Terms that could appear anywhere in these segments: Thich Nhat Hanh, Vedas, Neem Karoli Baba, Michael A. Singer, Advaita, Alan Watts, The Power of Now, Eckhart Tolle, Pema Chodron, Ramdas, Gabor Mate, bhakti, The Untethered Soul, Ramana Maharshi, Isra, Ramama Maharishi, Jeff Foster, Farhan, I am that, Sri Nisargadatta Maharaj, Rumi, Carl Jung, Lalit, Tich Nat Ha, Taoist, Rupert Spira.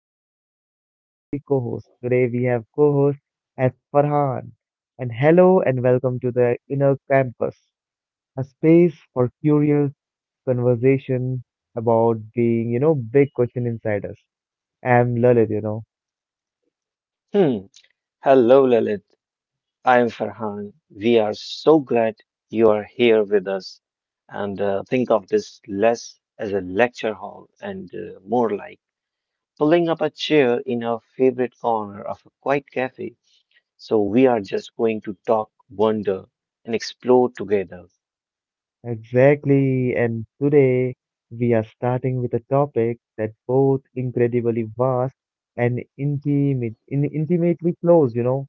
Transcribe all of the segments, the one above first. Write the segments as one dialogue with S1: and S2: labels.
S1: Lalit, and I'm your lovely co host. Today, we have co host as Farhan. And hello, and welcome to the Inner Campus, a space for curious conversation about being, big question inside us. I'm Lalit, you know.
S2: Hmm. Hello, Lalit. I am Farhan. We are so glad you are here with us. And think of this less as a lecture hall and more like pulling up a chair in our favorite corner of a quiet cafe. So we are just going to talk, wonder, and explore together.
S1: Exactly, and today we are starting with a topic that both incredibly vast and intimate, intimately close,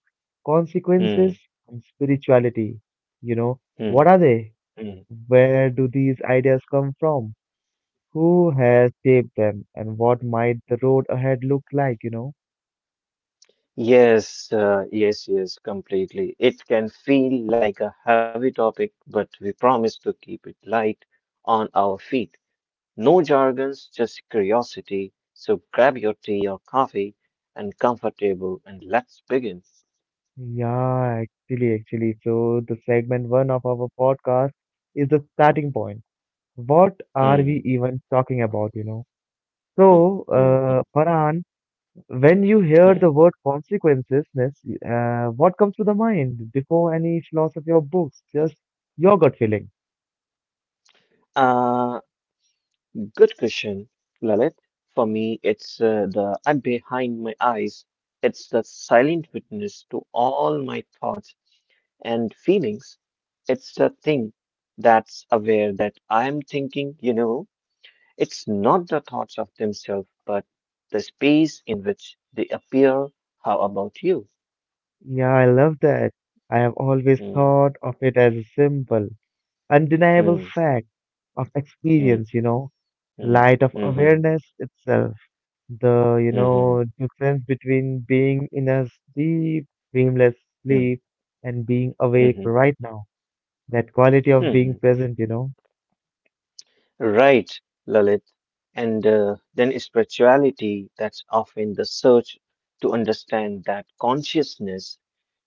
S2: Hmm.
S1: consequences and spirituality. You know,
S2: Hmm.
S1: what are they?
S2: Hmm.
S1: Where do these ideas come from? Who has shaped them? And what might the road ahead look like,
S2: Yes, yes, yes, completely. It can feel like a heavy topic, but we promise to keep it light on our feet. No jargons, just curiosity. So grab your tea or coffee and comfortable and let's begin.
S1: Yeah, actually. So the segment one of our podcast is the starting point. What are we
S2: Hmm,
S1: even talking about,
S2: hmm,
S1: So,
S2: hmm, hmm,
S1: Farhan, when you hear
S2: hmm.
S1: the word consequences, what comes to the mind before any philosophy or books? Just your gut feeling.
S2: Uh, Good question, Lalit. For me, it's the I'm behind my eyes. It's the silent witness to all my thoughts and feelings. It's the thing that's aware that I'm thinking. It's not the thoughts of themselves, but the space in which they appear. How about you?
S1: Yeah, I love that. I have always
S2: Hmm,
S1: thought of it as a simple, undeniable
S2: hmm,
S1: fact of
S2: hmm,
S1: experience,
S2: hmm,
S1: light of
S2: hmm, hmm,
S1: awareness itself. The, you
S2: hmm, hmm,
S1: know, difference between being in a deep, dreamless
S2: hmm,
S1: sleep and being awake
S2: hmm,
S1: right now. That quality of
S2: hmm. hmm.
S1: being present,
S2: Right, Lalit. And then spirituality, that's often the search to understand that consciousness,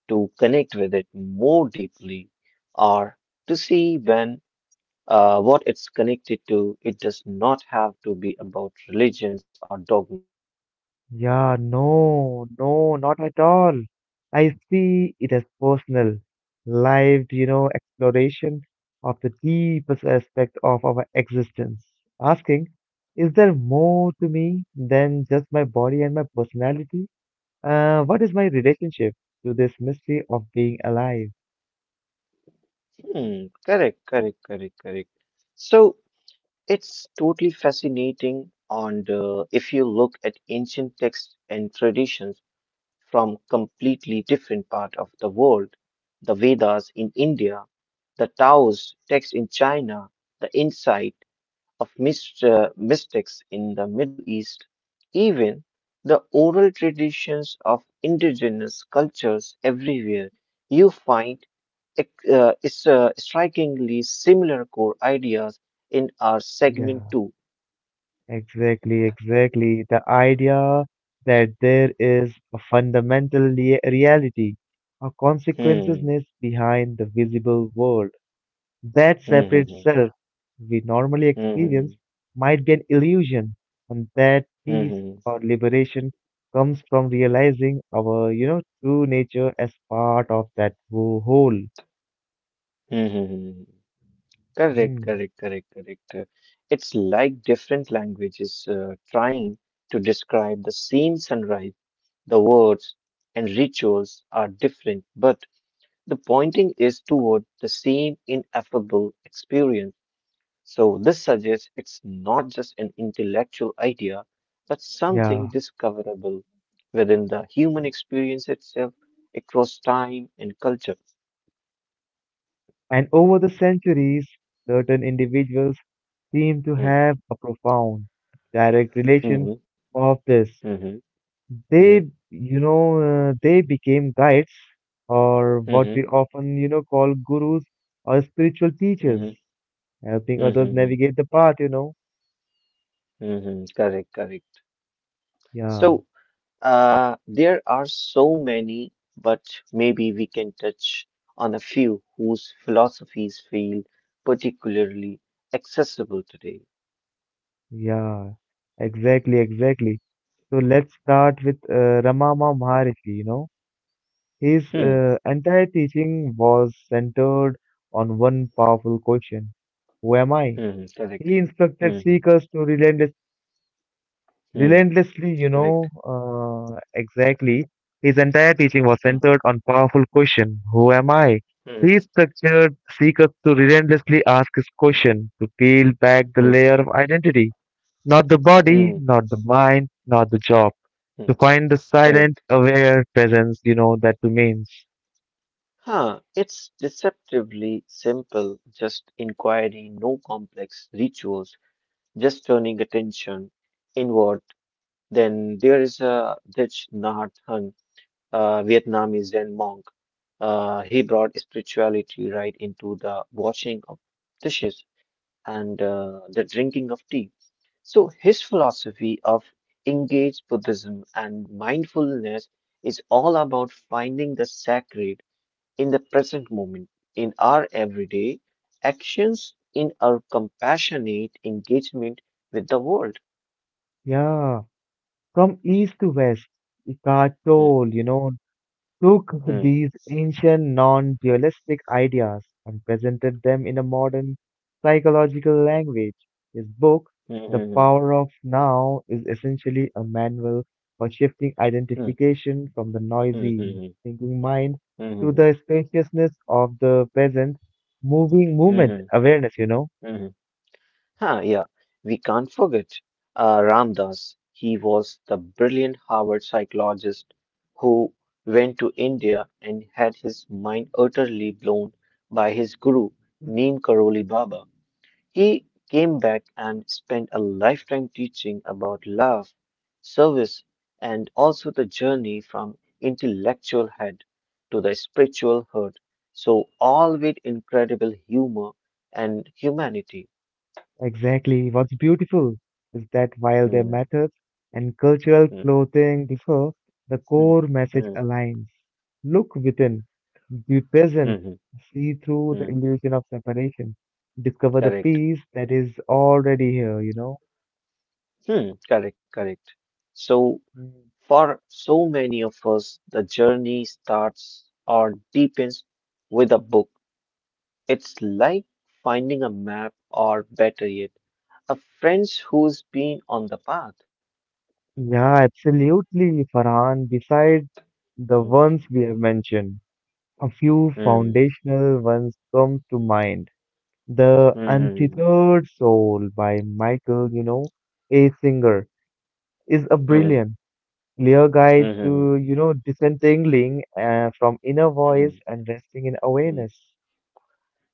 S2: to connect with it more deeply, or to see when what it's connected to. It does not have to be about religions or dogma.
S1: Yeah, no, no, not at all. I see it as personal, lived, exploration of the deepest aspect of our existence. Asking, is there more to me than just my body and my personality? What is my relationship to this mystery of being alive?
S2: Hmm, correct, correct, correct, correct. So it's totally fascinating. And if you look at ancient texts and traditions from completely different part of the world, the Vedas in India, the Taoist text in China, the insight of mystics in the Middle East, even the oral traditions of indigenous cultures everywhere, you find strikingly similar core ideas in our segment
S1: Yeah.
S2: 2.
S1: Exactly. The idea that there is a fundamental reality, a consequences
S2: Hmm.
S1: behind the visible world, that separate
S2: Hmm. Hmm.
S1: self we normally experience
S2: Hmm.
S1: might be an illusion, and that
S2: Hmm. Hmm. Hmm. Hmm.
S1: peace
S2: hmm, hmm.
S1: or liberation comes from realizing our, true nature as part of that whole.
S2: hmm, hmm, hmm. Correct,
S1: Mm,
S2: correct, correct, correct. It's like different languages trying to describe the same sunrise. The words and rituals are different, but the pointing is toward the same ineffable experience. So, this suggests it's not just an intellectual idea, but
S1: yeah,
S2: something discoverable within the
S1: yeah.
S2: human experience itself across time and culture.
S1: And over the centuries, certain individuals seem to
S2: Mm,
S1: have a profound direct relation
S2: mhm,
S1: of this.
S2: mhm, mhm,
S1: They, they became guides or what
S2: mhm,
S1: we often, call gurus or spiritual teachers,
S2: mhm,
S1: helping
S2: mhm,
S1: others
S2: mhm,
S1: navigate the path,
S2: mhm, Correct, correct.
S1: Yeah,
S2: So, there are so many, but maybe we can touch on a few whose philosophies feel particularly accessible today.
S1: yeah, exactly. So let's start with Ramama Maharishi, His
S2: Hmm,
S1: entire teaching was centered on one powerful question. Who am I?
S2: hmm, hmm, correct.
S1: He instructed
S2: Hmm,
S1: seekers to relentlessly
S2: hmm, hmm, hmm,
S1: Relentlessly, you
S2: correct.
S1: know, uh, exactly. His entire teaching was centered on powerful question, who am I?
S2: Hmm, hmm,
S1: He structured seekers to relentlessly ask his question, to peel back the
S2: hmm,
S1: layer of identity, not the body,
S2: hmm,
S1: not the mind, not the job,
S2: hmm,
S1: to find the silent,
S2: correct.
S1: aware presence, that remains.
S2: Huh, it's deceptively simple, just inquiry, no complex rituals, just turning attention inward. Then there is a Thich Nhat Hanh, a Vietnamese Zen monk. He brought spirituality right into the washing of dishes and the drinking of tea. So his philosophy of engaged Buddhism and mindfulness is all about finding the sacred in the present moment, in our everyday actions, in our compassionate engagement with the world.
S1: Yeah, from east to west, Eckhart
S2: Hmm,
S1: Tolle, took
S2: hmm,
S1: these ancient non dualistic ideas and presented them in a modern psychological language. His book, The
S2: hmm,
S1: Power of Now, is essentially a manual for shifting
S2: hmm,
S1: identification from the
S2: hmm,
S1: noisy
S2: hmm, hmm,
S1: thinking mind
S2: hmm, hmm,
S1: to
S2: hmm,
S1: the spaciousness of the present moving
S2: hmm,
S1: movement
S2: hmm,
S1: awareness,
S2: hmm. Huh, yeah, we can't forget Ramdas. He was the brilliant Harvard psychologist who went to India and had his mind utterly blown by his guru, Neem Karoli Baba. He came back and spent a lifetime teaching about love, service, and also the journey from intellectual head to the spiritual heart. So, all with incredible humor and humanity.
S1: Exactly. What's beautiful is that while their
S2: Hmm.
S1: methods and cultural
S2: hmm.
S1: clothing differ, the
S2: Hmm.
S1: core message
S2: Hmm.
S1: aligns. Look within, be present,
S2: mhm,
S1: see through
S2: Hmm.
S1: the
S2: Hmm.
S1: illusion of separation, discover the
S2: Correct.
S1: peace that is already here,
S2: Hmm, correct, correct. So,
S1: Mm.
S2: for so many of us, the journey starts or deepens with a book. It's like finding a map, or better yet, a friend who's been on the path.
S1: Yeah, absolutely, Farhan. Besides the
S2: Hmm.
S1: ones we have mentioned, a few
S2: Hmm.
S1: foundational ones come to mind. The
S2: Hmm.
S1: Untethered Soul by Michael, A. Singer, is a
S2: Hmm.
S1: brilliant, clear guide
S2: Hmm.
S1: to, disentangling from inner voice
S2: Hmm.
S1: and resting in
S2: mm.
S1: awareness.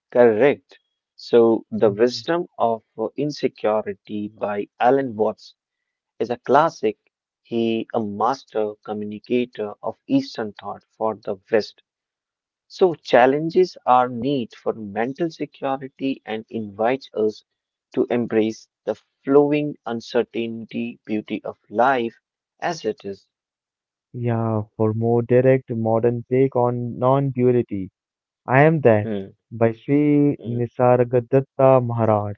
S2: Correct. So, The
S1: Mhm.
S2: Wisdom of Insecurity by Alan Watts is a classic. He, a master communicator of Eastern thought for the West. So challenges our need for mental security and invites us to embrace the flowing uncertainty beauty of life as it is.
S1: Yeah, for more direct modern take on non-duality, I am that
S2: Hmm,
S1: by Sri
S2: hmm,
S1: Nisargadatta Maharaj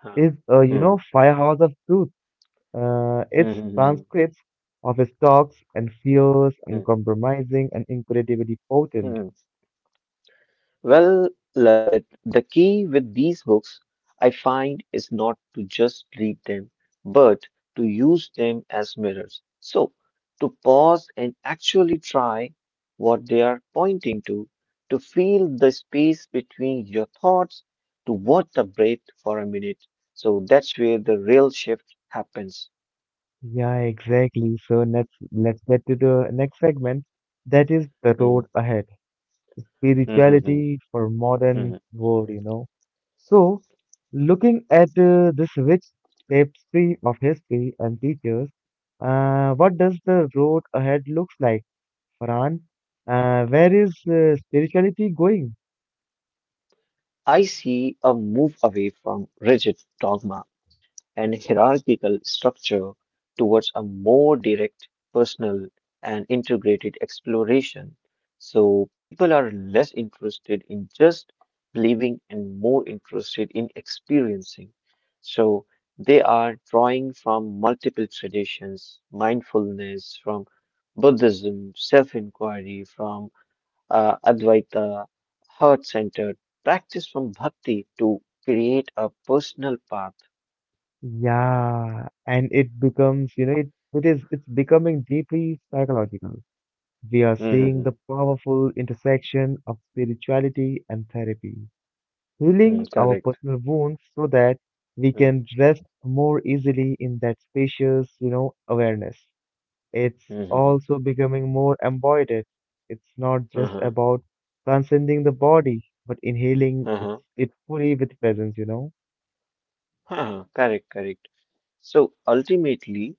S2: huh,
S1: is a
S2: hmm,
S1: firehouse of truth. Uh,
S2: hmm,
S1: its
S2: hmm, hmm,
S1: transcripts of his talks and fears,
S2: hmm,
S1: uncompromising and incredibly potent.
S2: hmm. Well, Lalit, the key with these books I find is not to just read them, but to use them as mirrors. So, to pause and actually try what they are pointing to feel the space between your thoughts, to watch the breath for a minute. So that's where the real shift happens.
S1: Yeah, exactly. So let's get to the next segment. That is the road
S2: Mm,
S1: ahead.
S2: mhm, mhm,
S1: Spirituality for modern
S2: mhm.
S1: world, So, looking at this rich tapestry of history and teachers, what does the road ahead looks like, Farhan? Where is spirituality going?
S2: I see a move away from rigid dogma and hierarchical structure towards a more direct, personal, and integrated exploration. So people are less interested in just believing and more interested in experiencing. So they are drawing from multiple traditions, mindfulness, from Buddhism, self inquiry, from Advaita, heart centered practice from bhakti to create a personal path.
S1: Yeah, and it becomes, it's becoming deeply psychological. We are seeing
S2: Mhm.
S1: the powerful intersection of spirituality and therapy,
S2: Mm,
S1: healing our
S2: correct.
S1: personal wounds so that we
S2: Mm,
S1: can rest more easily in that spacious, awareness. It's
S2: mhm.
S1: also becoming more embodied. It's not just
S2: Uh-huh.
S1: about transcending the body, but inhaling it,
S2: Uh-huh.
S1: it fully with presence,
S2: Uh-huh. Correct, correct. So ultimately,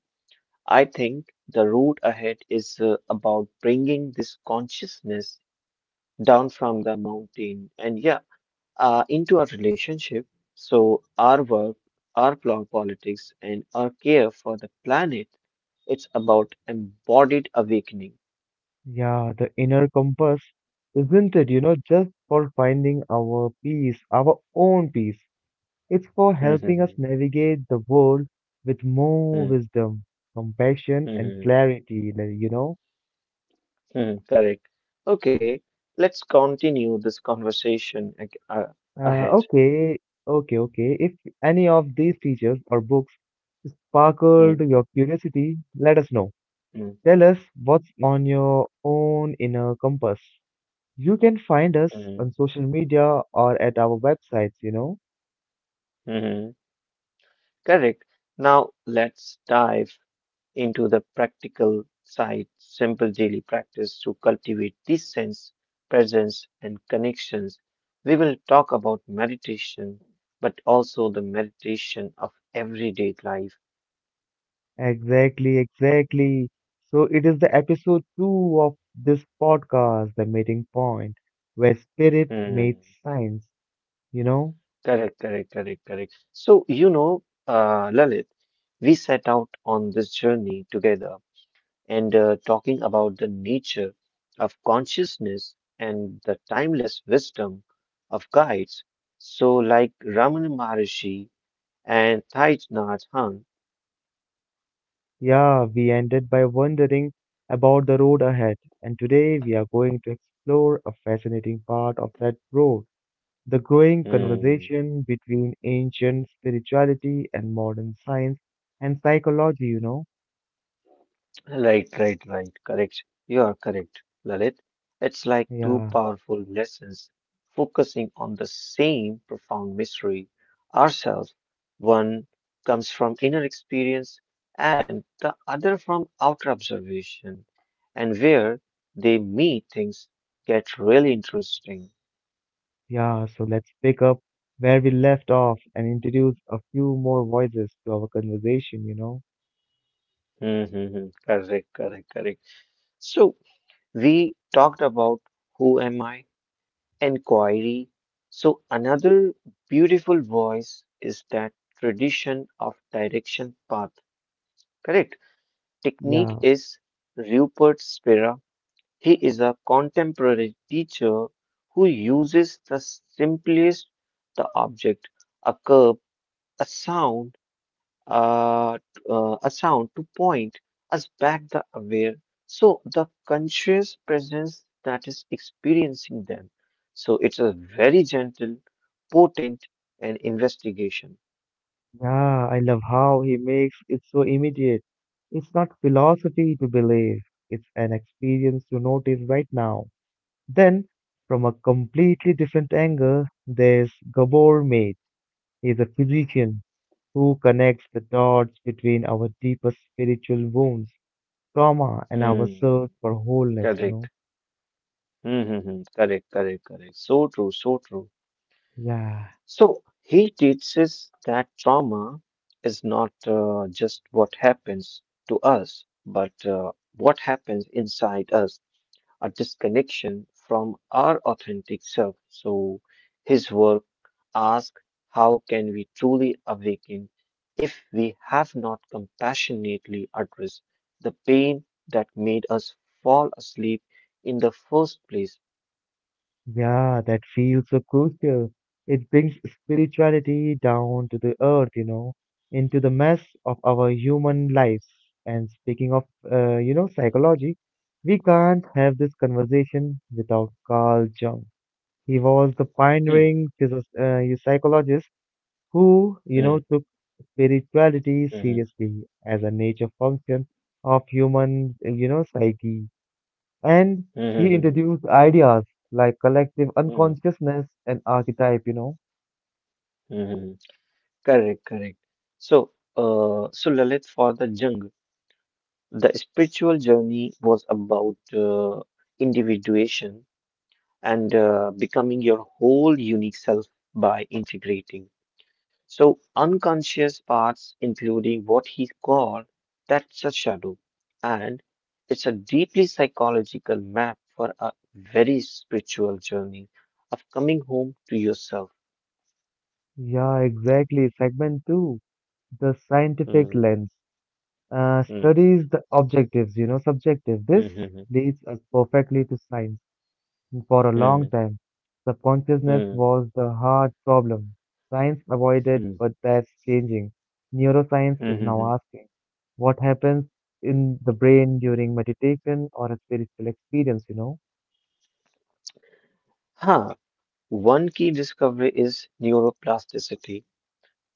S2: I think the road ahead is about bringing this consciousness down from the mountain and yeah, into our relationship. So our work, our politics, and our care for the planet, it's about embodied awakening.
S1: Yeah, the inner compass, isn't it, just for finding our peace, our own peace. It's for helping
S2: Mm-hmm.
S1: us navigate the world with more
S2: mm-hmm,
S1: wisdom, compassion, and
S2: mm-hmm.
S1: clarity, like,
S2: Hmm, correct. Okay, let's continue this conversation
S1: Uh,
S2: ahead.
S1: okay, okay. If any of these teachers or books
S2: Hmm,
S1: sparkled your curiosity, let us know.
S2: hmm,
S1: Tell us what's on your own inner compass. You can find us
S2: hmm,
S1: on social media or at our websites,
S2: hmm. Correct. Now let's dive into the practical side, simple daily practice to cultivate this sense, presence, and connections. We will talk about meditation, but also the meditation of everyday life.
S1: Exactly. So it is the episode two of this podcast, The Meeting Point, where spirit
S2: Hmm.
S1: meets science. You know,
S2: Correct, correct, correct, correct. So, Lalit, we set out on this journey together and talking about the nature of consciousness and the timeless wisdom of guides. So, like Ramana Maharshi and Thich Nhat Hanh.
S1: yeah, we ended by wondering about the road ahead, and today we are going to explore a fascinating part of that road, the growing conversation between ancient spirituality and modern science and psychology,
S2: Right, right, right. Correct. You are correct, Lalit. It's like two
S1: Yeah.
S2: powerful lessons focusing on the same profound mystery, ourselves. One comes from inner experience and the other from outer observation. And where they meet, things get really interesting.
S1: Yeah, so let's pick up where we left off and introduce a few more voices to our conversation,
S2: Mm-hmm. mm-hmm. Correct, correct, correct. So we talked about who am I? Inquiry. So, another beautiful voice is that tradition of direction path. Correct. Technique
S1: Yeah,
S2: is Rupert Spira. He is a contemporary teacher who uses the simplest the object, a curb, a sound, uh, a sound to point us back the aware, so the conscious presence that is experiencing them, so it's a very gentle, potent, and investigation.
S1: yeah, I love how he makes it so immediate. It's not philosophy to believe, it's an experience to notice right now. Then, from a completely different angle, there's Gabor Mate. He's a physician who connects the dots between our deepest spiritual wounds, trauma, and our
S2: Hmm.
S1: search for wholeness,
S2: Correct. Mm-hmm. Correct, correct, correct. So true, so true.
S1: Yeah.
S2: So he teaches that trauma is not just what happens to us but what happens inside us, a disconnection from our authentic self. So his work asks how can we truly awaken if we have not compassionately addressed the pain that made us fall asleep in the first place?
S1: Yeah, that feels so crucial. It brings spirituality down to the earth, into the mess of our human lives. And speaking of, psychology, we can't have this conversation without Carl Jung. He was the
S2: Hmm,
S1: pioneering psychologist who,
S2: hmm,
S1: took spirituality
S2: hmm,
S1: seriously as a nature function of human, psyche. And
S2: hmm, hmm, hmm,
S1: he
S2: hmm, hmm, hmm.
S1: introduced ideas like collective
S2: hmm, hmm,
S1: unconsciousness and archetype,
S2: hmm, hmm. Correct, correct. So, so Lalit, for the Jung, the spiritual journey was about individuation and becoming your whole unique self by integrating. So, unconscious parts, including what he called that's a shadow, and it's a deeply psychological map for a very spiritual journey of coming home to yourself.
S1: Yeah, exactly. Segment two, the scientific
S2: Hmm,
S1: lens,
S2: hmm,
S1: studies the objectives, subjective. This
S2: hmm, hmm,
S1: leads us perfectly to science. For a long time,
S2: hmm,
S1: subconsciousness
S2: hmm, hmm,
S1: was the hard problem. Science avoided,
S2: hmm,
S1: but that's changing. Neuroscience
S2: hmm,
S1: is
S2: hmm. hmm.
S1: now asking what happens in the brain during meditation or a spiritual experience,
S2: Huh. One key discovery is neuroplasticity,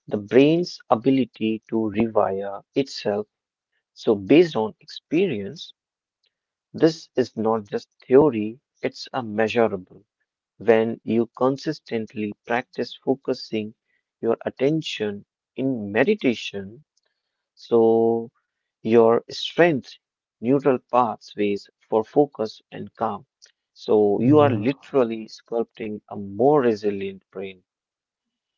S2: the brain's ability to rewire itself. So, based on experience, this is not just theory, it's a measurable. When you consistently practice focusing your attention in meditation, so your strength, neural pathways for focus and calm. So, you are
S1: Yeah.
S2: literally sculpting a more resilient brain.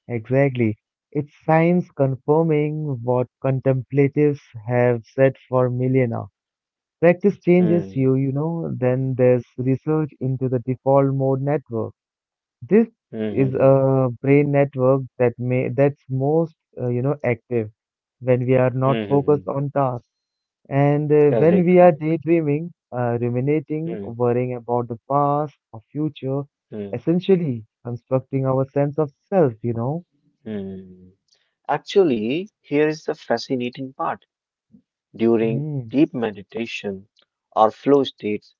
S1: Exactly. It's science confirming what contemplatives have said for millennia. Practice changes
S2: Hmm.
S1: you, then there's research into the default mode network. This
S2: Hmm.
S1: is
S2: hmm,
S1: a brain network that may that's most, active when we are
S2: hmm,
S1: not
S2: hmm, hmm, hmm, hmm. hmm.
S1: focused on tasks and
S2: Correct,
S1: when we are
S2: correct.
S1: daydreaming, ruminating,
S2: Hmm.
S1: worrying about the past or future,
S2: Hmm.
S1: essentially constructing our sense of self,
S2: Hmm. Actually, here is the fascinating part. During
S1: Hmm.
S2: deep meditation or flow states,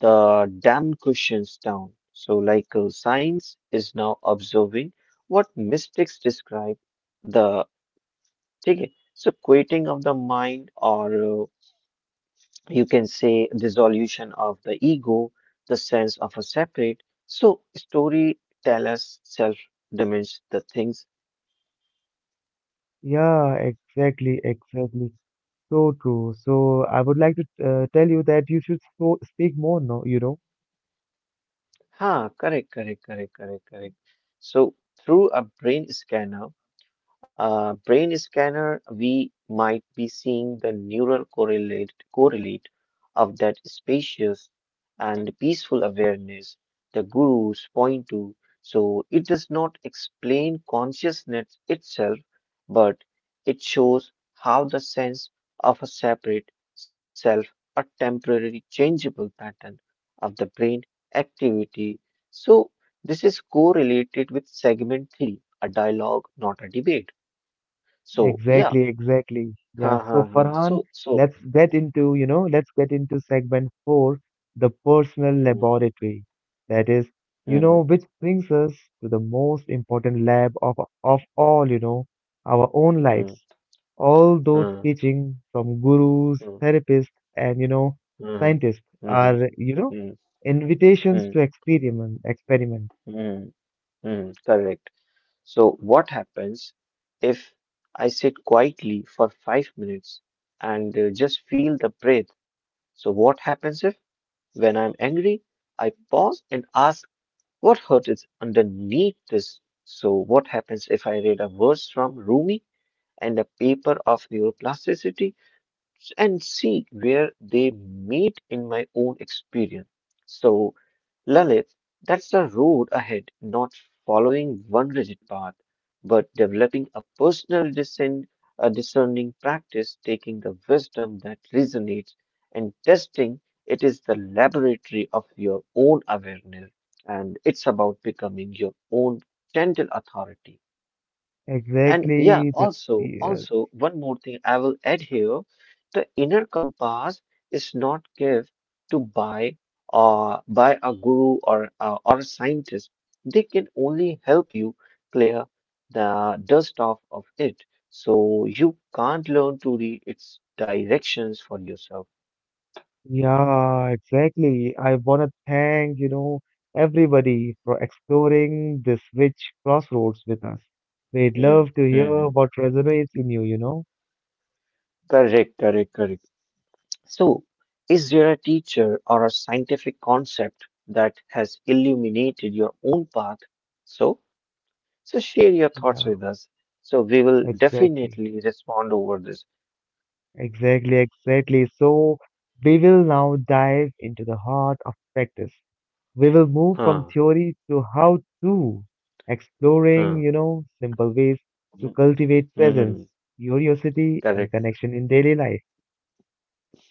S2: the dam cushions down. So, like science is now observing what mystics describe the ticket. So, quieting of the mind, or you can say dissolution of the ego, the sense of a separate. So, story tell us self dimensions the things.
S1: Yeah, exactly. So true. So I would like to tell you that you should so speak more, no,
S2: Huh, correct, correct, correct, correct, correct. So through a brain scanner, we might be seeing the neural correlate of that spacious and peaceful awareness the gurus point to. So it does not explain consciousness itself, but it shows how the sense of a separate self, a temporary changeable pattern of the brain activity. So this is correlated with segment three, a dialogue, not a debate. So yeah,
S1: Exactly.
S2: ha
S1: Yeah.
S2: ha
S1: So
S2: ha. So
S1: Farhan,
S2: so.
S1: let's get into segment four, the personal
S2: Mm,
S1: laboratory. That is,
S2: mm,
S1: which brings us to the most important lab of all, our own lives.
S2: mm,
S1: All those
S2: mm,
S1: teaching from gurus,
S2: mm,
S1: therapists, and
S2: mm,
S1: scientists
S2: mm,
S1: are,
S2: mm,
S1: invitations
S2: mm,
S1: to experiment.
S2: mm, mm, correct. So what happens if I sit quietly for 5 minutes and just feel the breath? So what happens if, when I'm angry, I pause and ask what hurt is underneath this? So what happens if I read a verse from Rumi and a paper of neuroplasticity and see where they meet in my own experience? So, Lalit, that's the road ahead, not following one rigid path, but developing a discerning practice, taking the wisdom that resonates and testing it is the laboratory of your own awareness. And it's about becoming your own gentle authority. And yeah,
S1: Exactly. Yeah,
S2: also one more thing I will add here. The inner compass is not given to buy by a guru or a scientist. They can only help you clear the dust off of it. So you can't learn to read its directions for yourself.
S1: yeah, exactly. I want to thank, everybody for exploring this rich crossroads with us. We'd
S2: Hmm,
S1: love to hear
S2: hmm.
S1: what resonates in you, you know?
S2: Correct, correct, correct. So is there a teacher or a scientific concept that has illuminated your own path? So, so share your thoughts
S1: Yeah,
S2: with us. So we will
S1: exactly.
S2: definitely respond over this.
S1: Exactly. So we will now dive into the heart of practice, we will move from
S2: Huh,
S1: theory to how to, exploring,
S2: huh,
S1: simple ways to
S2: hmm,
S1: cultivate presence,
S2: hmm,
S1: curiosity, and
S2: correct.
S1: connection in daily life.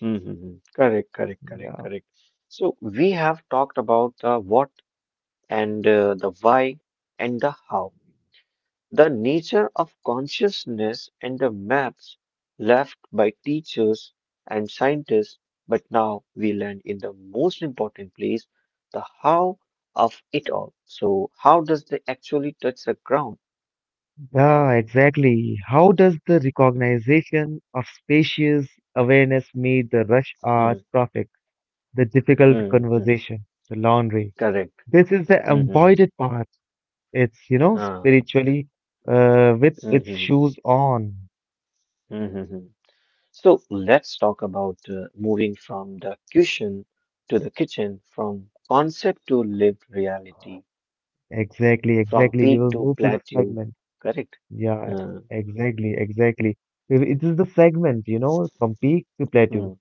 S2: Hmm, hmm, hmm. Correct, correct, correct,
S1: Yeah.
S2: correct. So we have talked about the what and the why and the how. The nature of consciousness and the maps left by teachers and scientists, but now we land in the most important place, the how of it all. So, how does they actually touch the ground?
S1: Yeah, exactly. How does the recognition of spacious awareness meet the rush hour
S2: Mm,
S1: traffic, the difficult
S2: mm, mm.
S1: conversation, the laundry?
S2: Correct.
S1: This is the
S2: Mm, mm,
S1: embodied
S2: mm.
S1: part.
S2: Ah,
S1: Spiritually with
S2: mm,
S1: its
S2: mm,
S1: shoes on.
S2: mm, mm, mm. So let's talk about moving from the cushion to the kitchen, from concept to lived reality.
S1: Exactly,
S2: From
S1: exactly. We
S2: peak
S1: will
S2: to
S1: move to the
S2: plateau,
S1: segment.
S2: correct?
S1: Yeah,
S2: Uh,
S1: exactly. It is the segment, from peak to
S2: mm,
S1: plateau,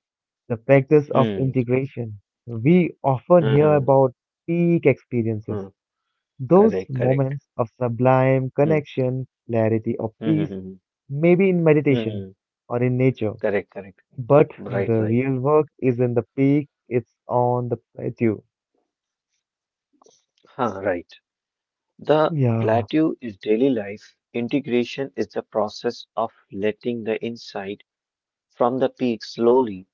S1: the factors of
S2: mm,
S1: integration. We often
S2: uh,
S1: hear
S2: uh,
S1: about peak experiences,
S2: uh,
S1: those
S2: correct, correct.
S1: moments of sublime
S2: Mm,
S1: connection, clarity of
S2: mm,
S1: peace,
S2: mm,
S1: maybe in meditation
S2: mm,
S1: or in nature.
S2: correct, correct.
S1: But
S2: Right,
S1: the
S2: right.
S1: real work is in the peak, it's on the plateau.
S2: Huh, right. The
S1: Yeah.
S2: plateau is daily life. Integration is the process of letting the insight from the peak slowly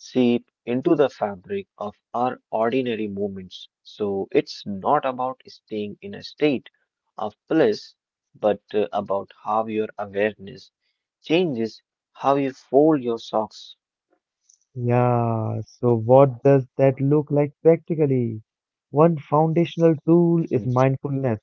S2: seep into the fabric of our ordinary moments. So it's not about staying in a state of bliss, but about how your awareness changes how you fold your socks.
S1: Yeah, so what does that look like practically? One foundational tool is
S2: Hmm,
S1: mindfulness,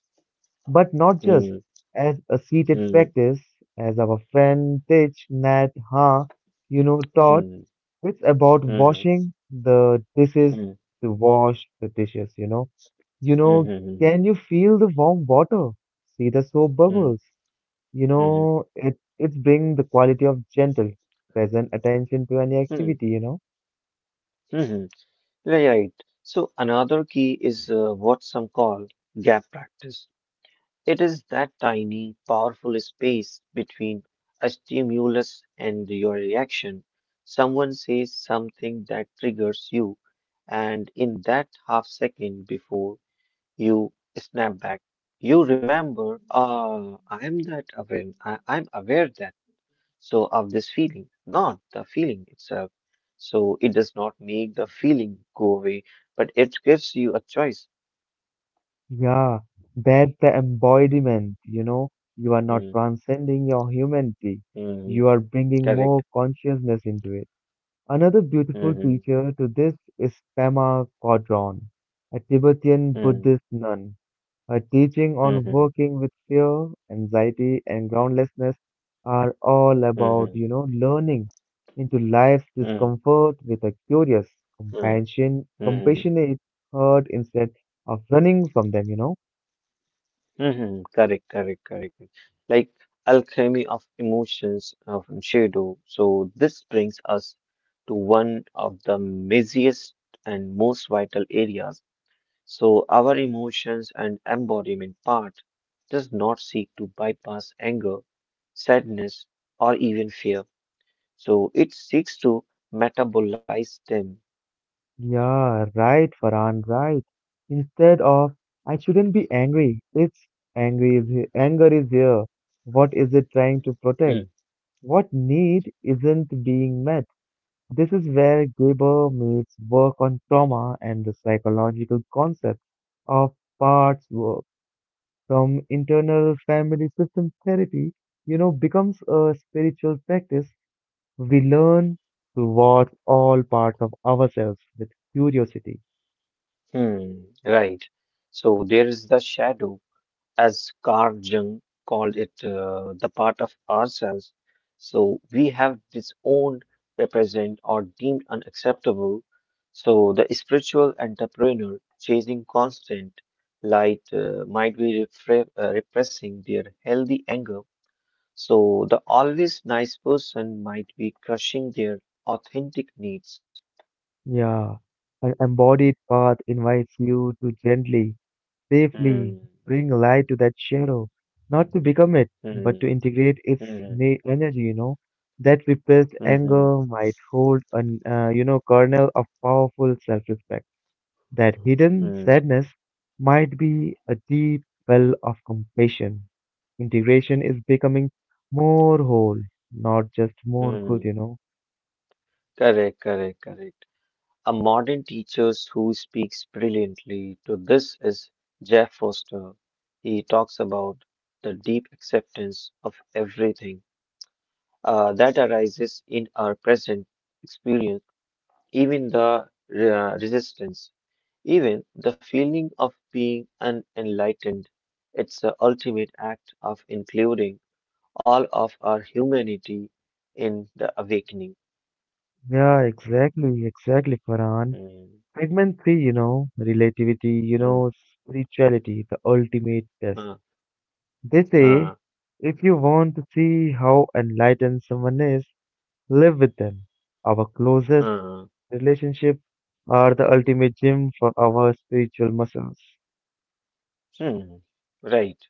S1: but not just
S2: hmm,
S1: as a seated
S2: hmm,
S1: practice, as our friend Tich Nat Ha, taught.
S2: hmm,
S1: It's about
S2: hmm,
S1: washing the dishes
S2: hmm,
S1: to wash the dishes, You know,
S2: hmm,
S1: can you feel the warm water? See the soap
S2: hmm, hmm, hmm,
S1: bubbles? You
S2: hmm.
S1: know, it it's bring the quality of gentle, present attention to any
S2: Hmm,
S1: activity,
S2: hmm, hmm. Right. So another key is what some call gap practice. It is that tiny, powerful space between a stimulus and your reaction. Someone says something that triggers you, and in that half second before you snap back, you remember, ah, I am that aware, I'm aware that, so of this feeling, not the feeling itself. So it does not make the feeling go away, but it gives you a choice.
S1: Yeah, that's the embodiment, you know. You are not
S2: Mm,
S1: transcending your humanity. You
S2: mm,
S1: are bringing more
S2: correct.
S1: consciousness into it. Another beautiful
S2: Mhm,
S1: teacher to this is Pema Chodron, a Tibetan
S2: mm.
S1: Buddhist nun. Her teaching on
S2: Mhm,
S1: working with fear, anxiety, and groundlessness are all about,
S2: mhm,
S1: learning into life's
S2: mhm,
S1: discomfort with a curious,
S2: mhm, mhm,
S1: compassionate heart instead of running from them,
S2: mhm. Correct, correct, correct. Like alchemy of emotions of shadow. So this brings us to one of the messiest and most vital areas. So our emotions and embodiment part does not seek to bypass anger, sadness, or even fear. So it seeks to metabolize them.
S1: Yeah, right, Farhan, right. Instead of I shouldn't be angry, it's anger is here. What is it trying to protect? What need isn't being met? This is where Geber meets work on trauma and the psychological concept of parts work. From internal family system therapy, becomes a spiritual practice. We learn to watch all parts of ourselves with curiosity.
S2: Hmm, right. So there is the shadow, as Carl Jung called it, the part of ourselves. So we have disowned, represent, or deemed unacceptable. So the spiritual entrepreneur chasing constant light might be repressing their healthy anger. So the always nice person might be crushing their authentic needs.
S1: Yeah, an embodied path invites you to gently,
S2: Hmm,
S1: safely bring light to that shadow, not to become it,
S2: hmm,
S1: but to integrate its
S2: hmm,
S1: na energy, That repressed
S2: hmm, hmm,
S1: anger might hold an, kernel of powerful self-respect. That hidden
S2: hmm.
S1: sadness might be a deep well of compassion. Integration is becoming more whole, not just more good,
S2: Mm, correct, correct, correct. A modern teacher who speaks brilliantly to this is Jeff Foster. He talks about the deep acceptance of everything that arises in our present experience, even the resistance, even the feeling of being unenlightened. It's the ultimate act of including all of our humanity in the awakening.
S1: Yeah, exactly, Farhan.
S2: Mm,
S1: Segment 3, relativity,
S2: mm,
S1: spirituality, the ultimate test.
S2: huh.
S1: They say
S2: Huh.
S1: if you want to see how enlightened someone is, live with them. Our closest
S2: Hmm.
S1: relationships are the ultimate gym for our spiritual muscles.
S2: Hmm. Right.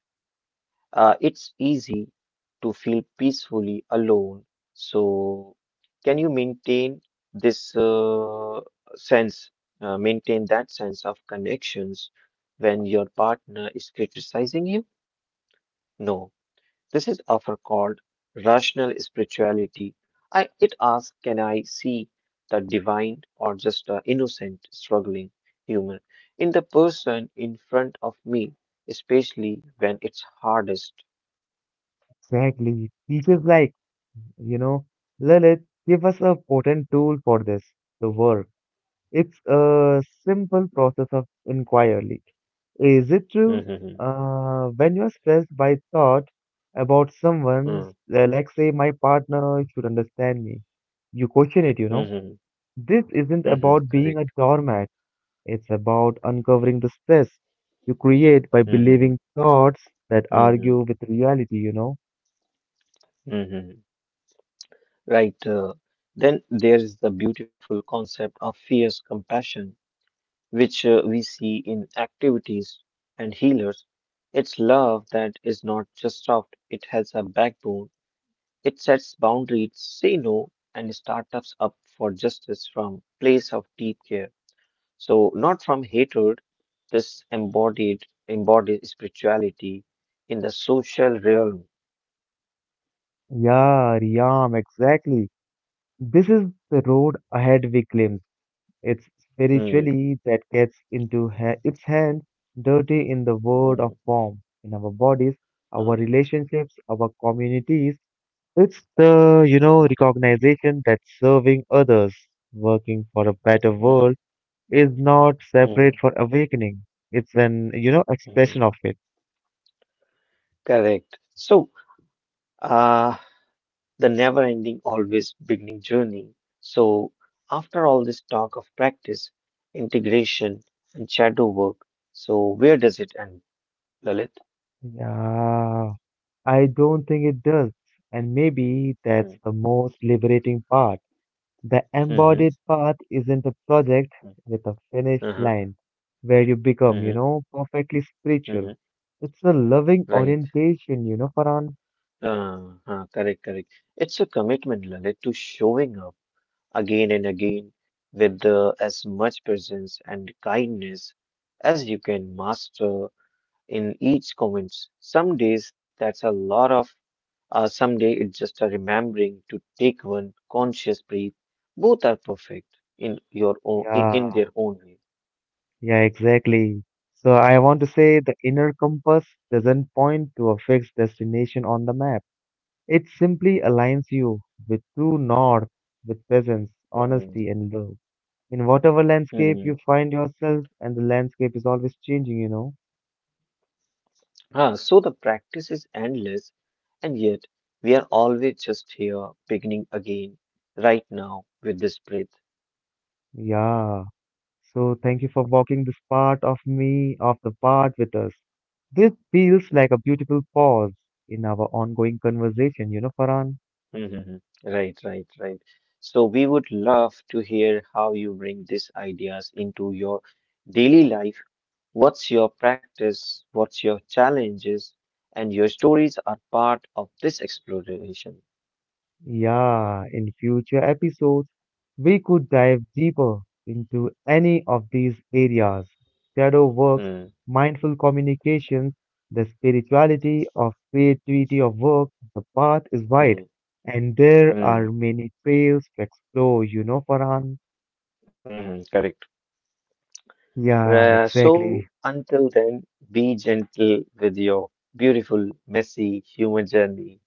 S2: It's easy to feel peacefully alone. So, can you maintain this uh, sense, maintain that sense of connections when your partner is criticizing you? No. This is often called rational spirituality. It asks, can I see the divine or just the innocent, struggling human in the person in front of me, especially when it's hardest?
S1: Exactly. Teachers like, you know, Lalit give us a potent tool for this, the work. It's a simple process of inquiry. Is it true?
S2: Mhm,
S1: When you're stressed by thought about
S2: mhm,
S1: someone's, like say my partner should understand me, you question it,
S2: mhm,
S1: This isn't
S2: mhm,
S1: about being
S2: correct.
S1: a doormat. It's about uncovering the stress you create by
S2: Mhm,
S1: believing thoughts that argue
S2: mhm,
S1: with reality,
S2: mhm. Right. Then there is the beautiful concept of fierce compassion, which we see in activities and healers. It's love that is not just soft, it has a backbone. It sets boundaries, say no, and starts us up for justice from place of deep care. So not from hatred, this embodied spirituality in the social realm.
S1: Yeah, Riyam, exactly. This is the road ahead we glimpse. It's
S2: Hmm,
S1: spiritually that gets into its hand dirty in the world
S2: hmm,
S1: of form, in our bodies, our
S2: hmm,
S1: relationships, our communities. It's the, recognition that serving others, working for a better
S2: hmm,
S1: world, is not
S2: hmm,
S1: separate for awakening. It's an,
S2: hmm.
S1: expression of it.
S2: Correct. So, uh, the never ending, always beginning journey. So, after all this talk of practice, integration, and shadow work, so where does it end, Lalit?
S1: Yeah, I don't think it does. And maybe that's
S2: Mm.
S1: the most liberating part. The
S2: Mm-hmm.
S1: embodied path isn't a project with a finished
S2: Uh-huh.
S1: line where you become,
S2: Mm-hmm.
S1: perfectly
S2: Mm-hmm.
S1: spiritual. It's a loving
S2: Right.
S1: orientation, Farhan.
S2: Uh, Correct, correct. It's a commitment, Lalit, to showing up again and again with as much presence and kindness as you can master in each comments. Some days that's a lot of. Someday it's just a remembering to take one conscious breath. Both are perfect in
S1: Yeah,
S2: their own way.
S1: yeah, exactly. So I want to say the inner compass doesn't point to a fixed destination on the map. It simply aligns you with true north, with presence,
S2: Hmm.
S1: honesty, and love. In whatever landscape you
S2: Hmm.
S1: find yourself, and the landscape is always changing,
S2: Ah, so the practice is endless, and yet we are always just here, beginning again, right now with this breath.
S1: Yeah. So thank you for walking this part of me, of the part with us. This feels like a beautiful pause in our ongoing conversation, Farhan?
S2: Hmm. Right, right, right. So we would love to hear how you bring these ideas into your daily life. What's your practice? What's your challenges? And your stories are part of this exploration.
S1: Yeah, in future episodes, we could dive deeper into any of these areas shadow works,
S2: Hmm,
S1: mindful communications, the spirituality of creativity of work. The path is wide,
S2: hmm,
S1: and there are
S2: hmm,
S1: many trails to explore, Farhan?
S2: hmm, correct.
S1: Yeah,
S2: So
S1: exactly.
S2: until then, be gentle with your beautiful, messy human journey.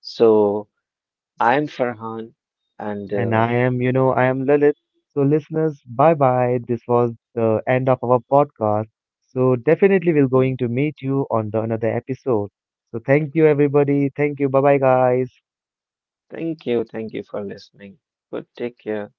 S2: So I'm Farhan, and
S1: And I am, Lilith. So, listeners, bye bye. This was the end of our podcast. So, definitely, we're
S2: hmm,
S1: going to meet you on the another episode. So, thank you, everybody. Thank you. Bye bye, guys.
S2: thank you for listening. Good, take care.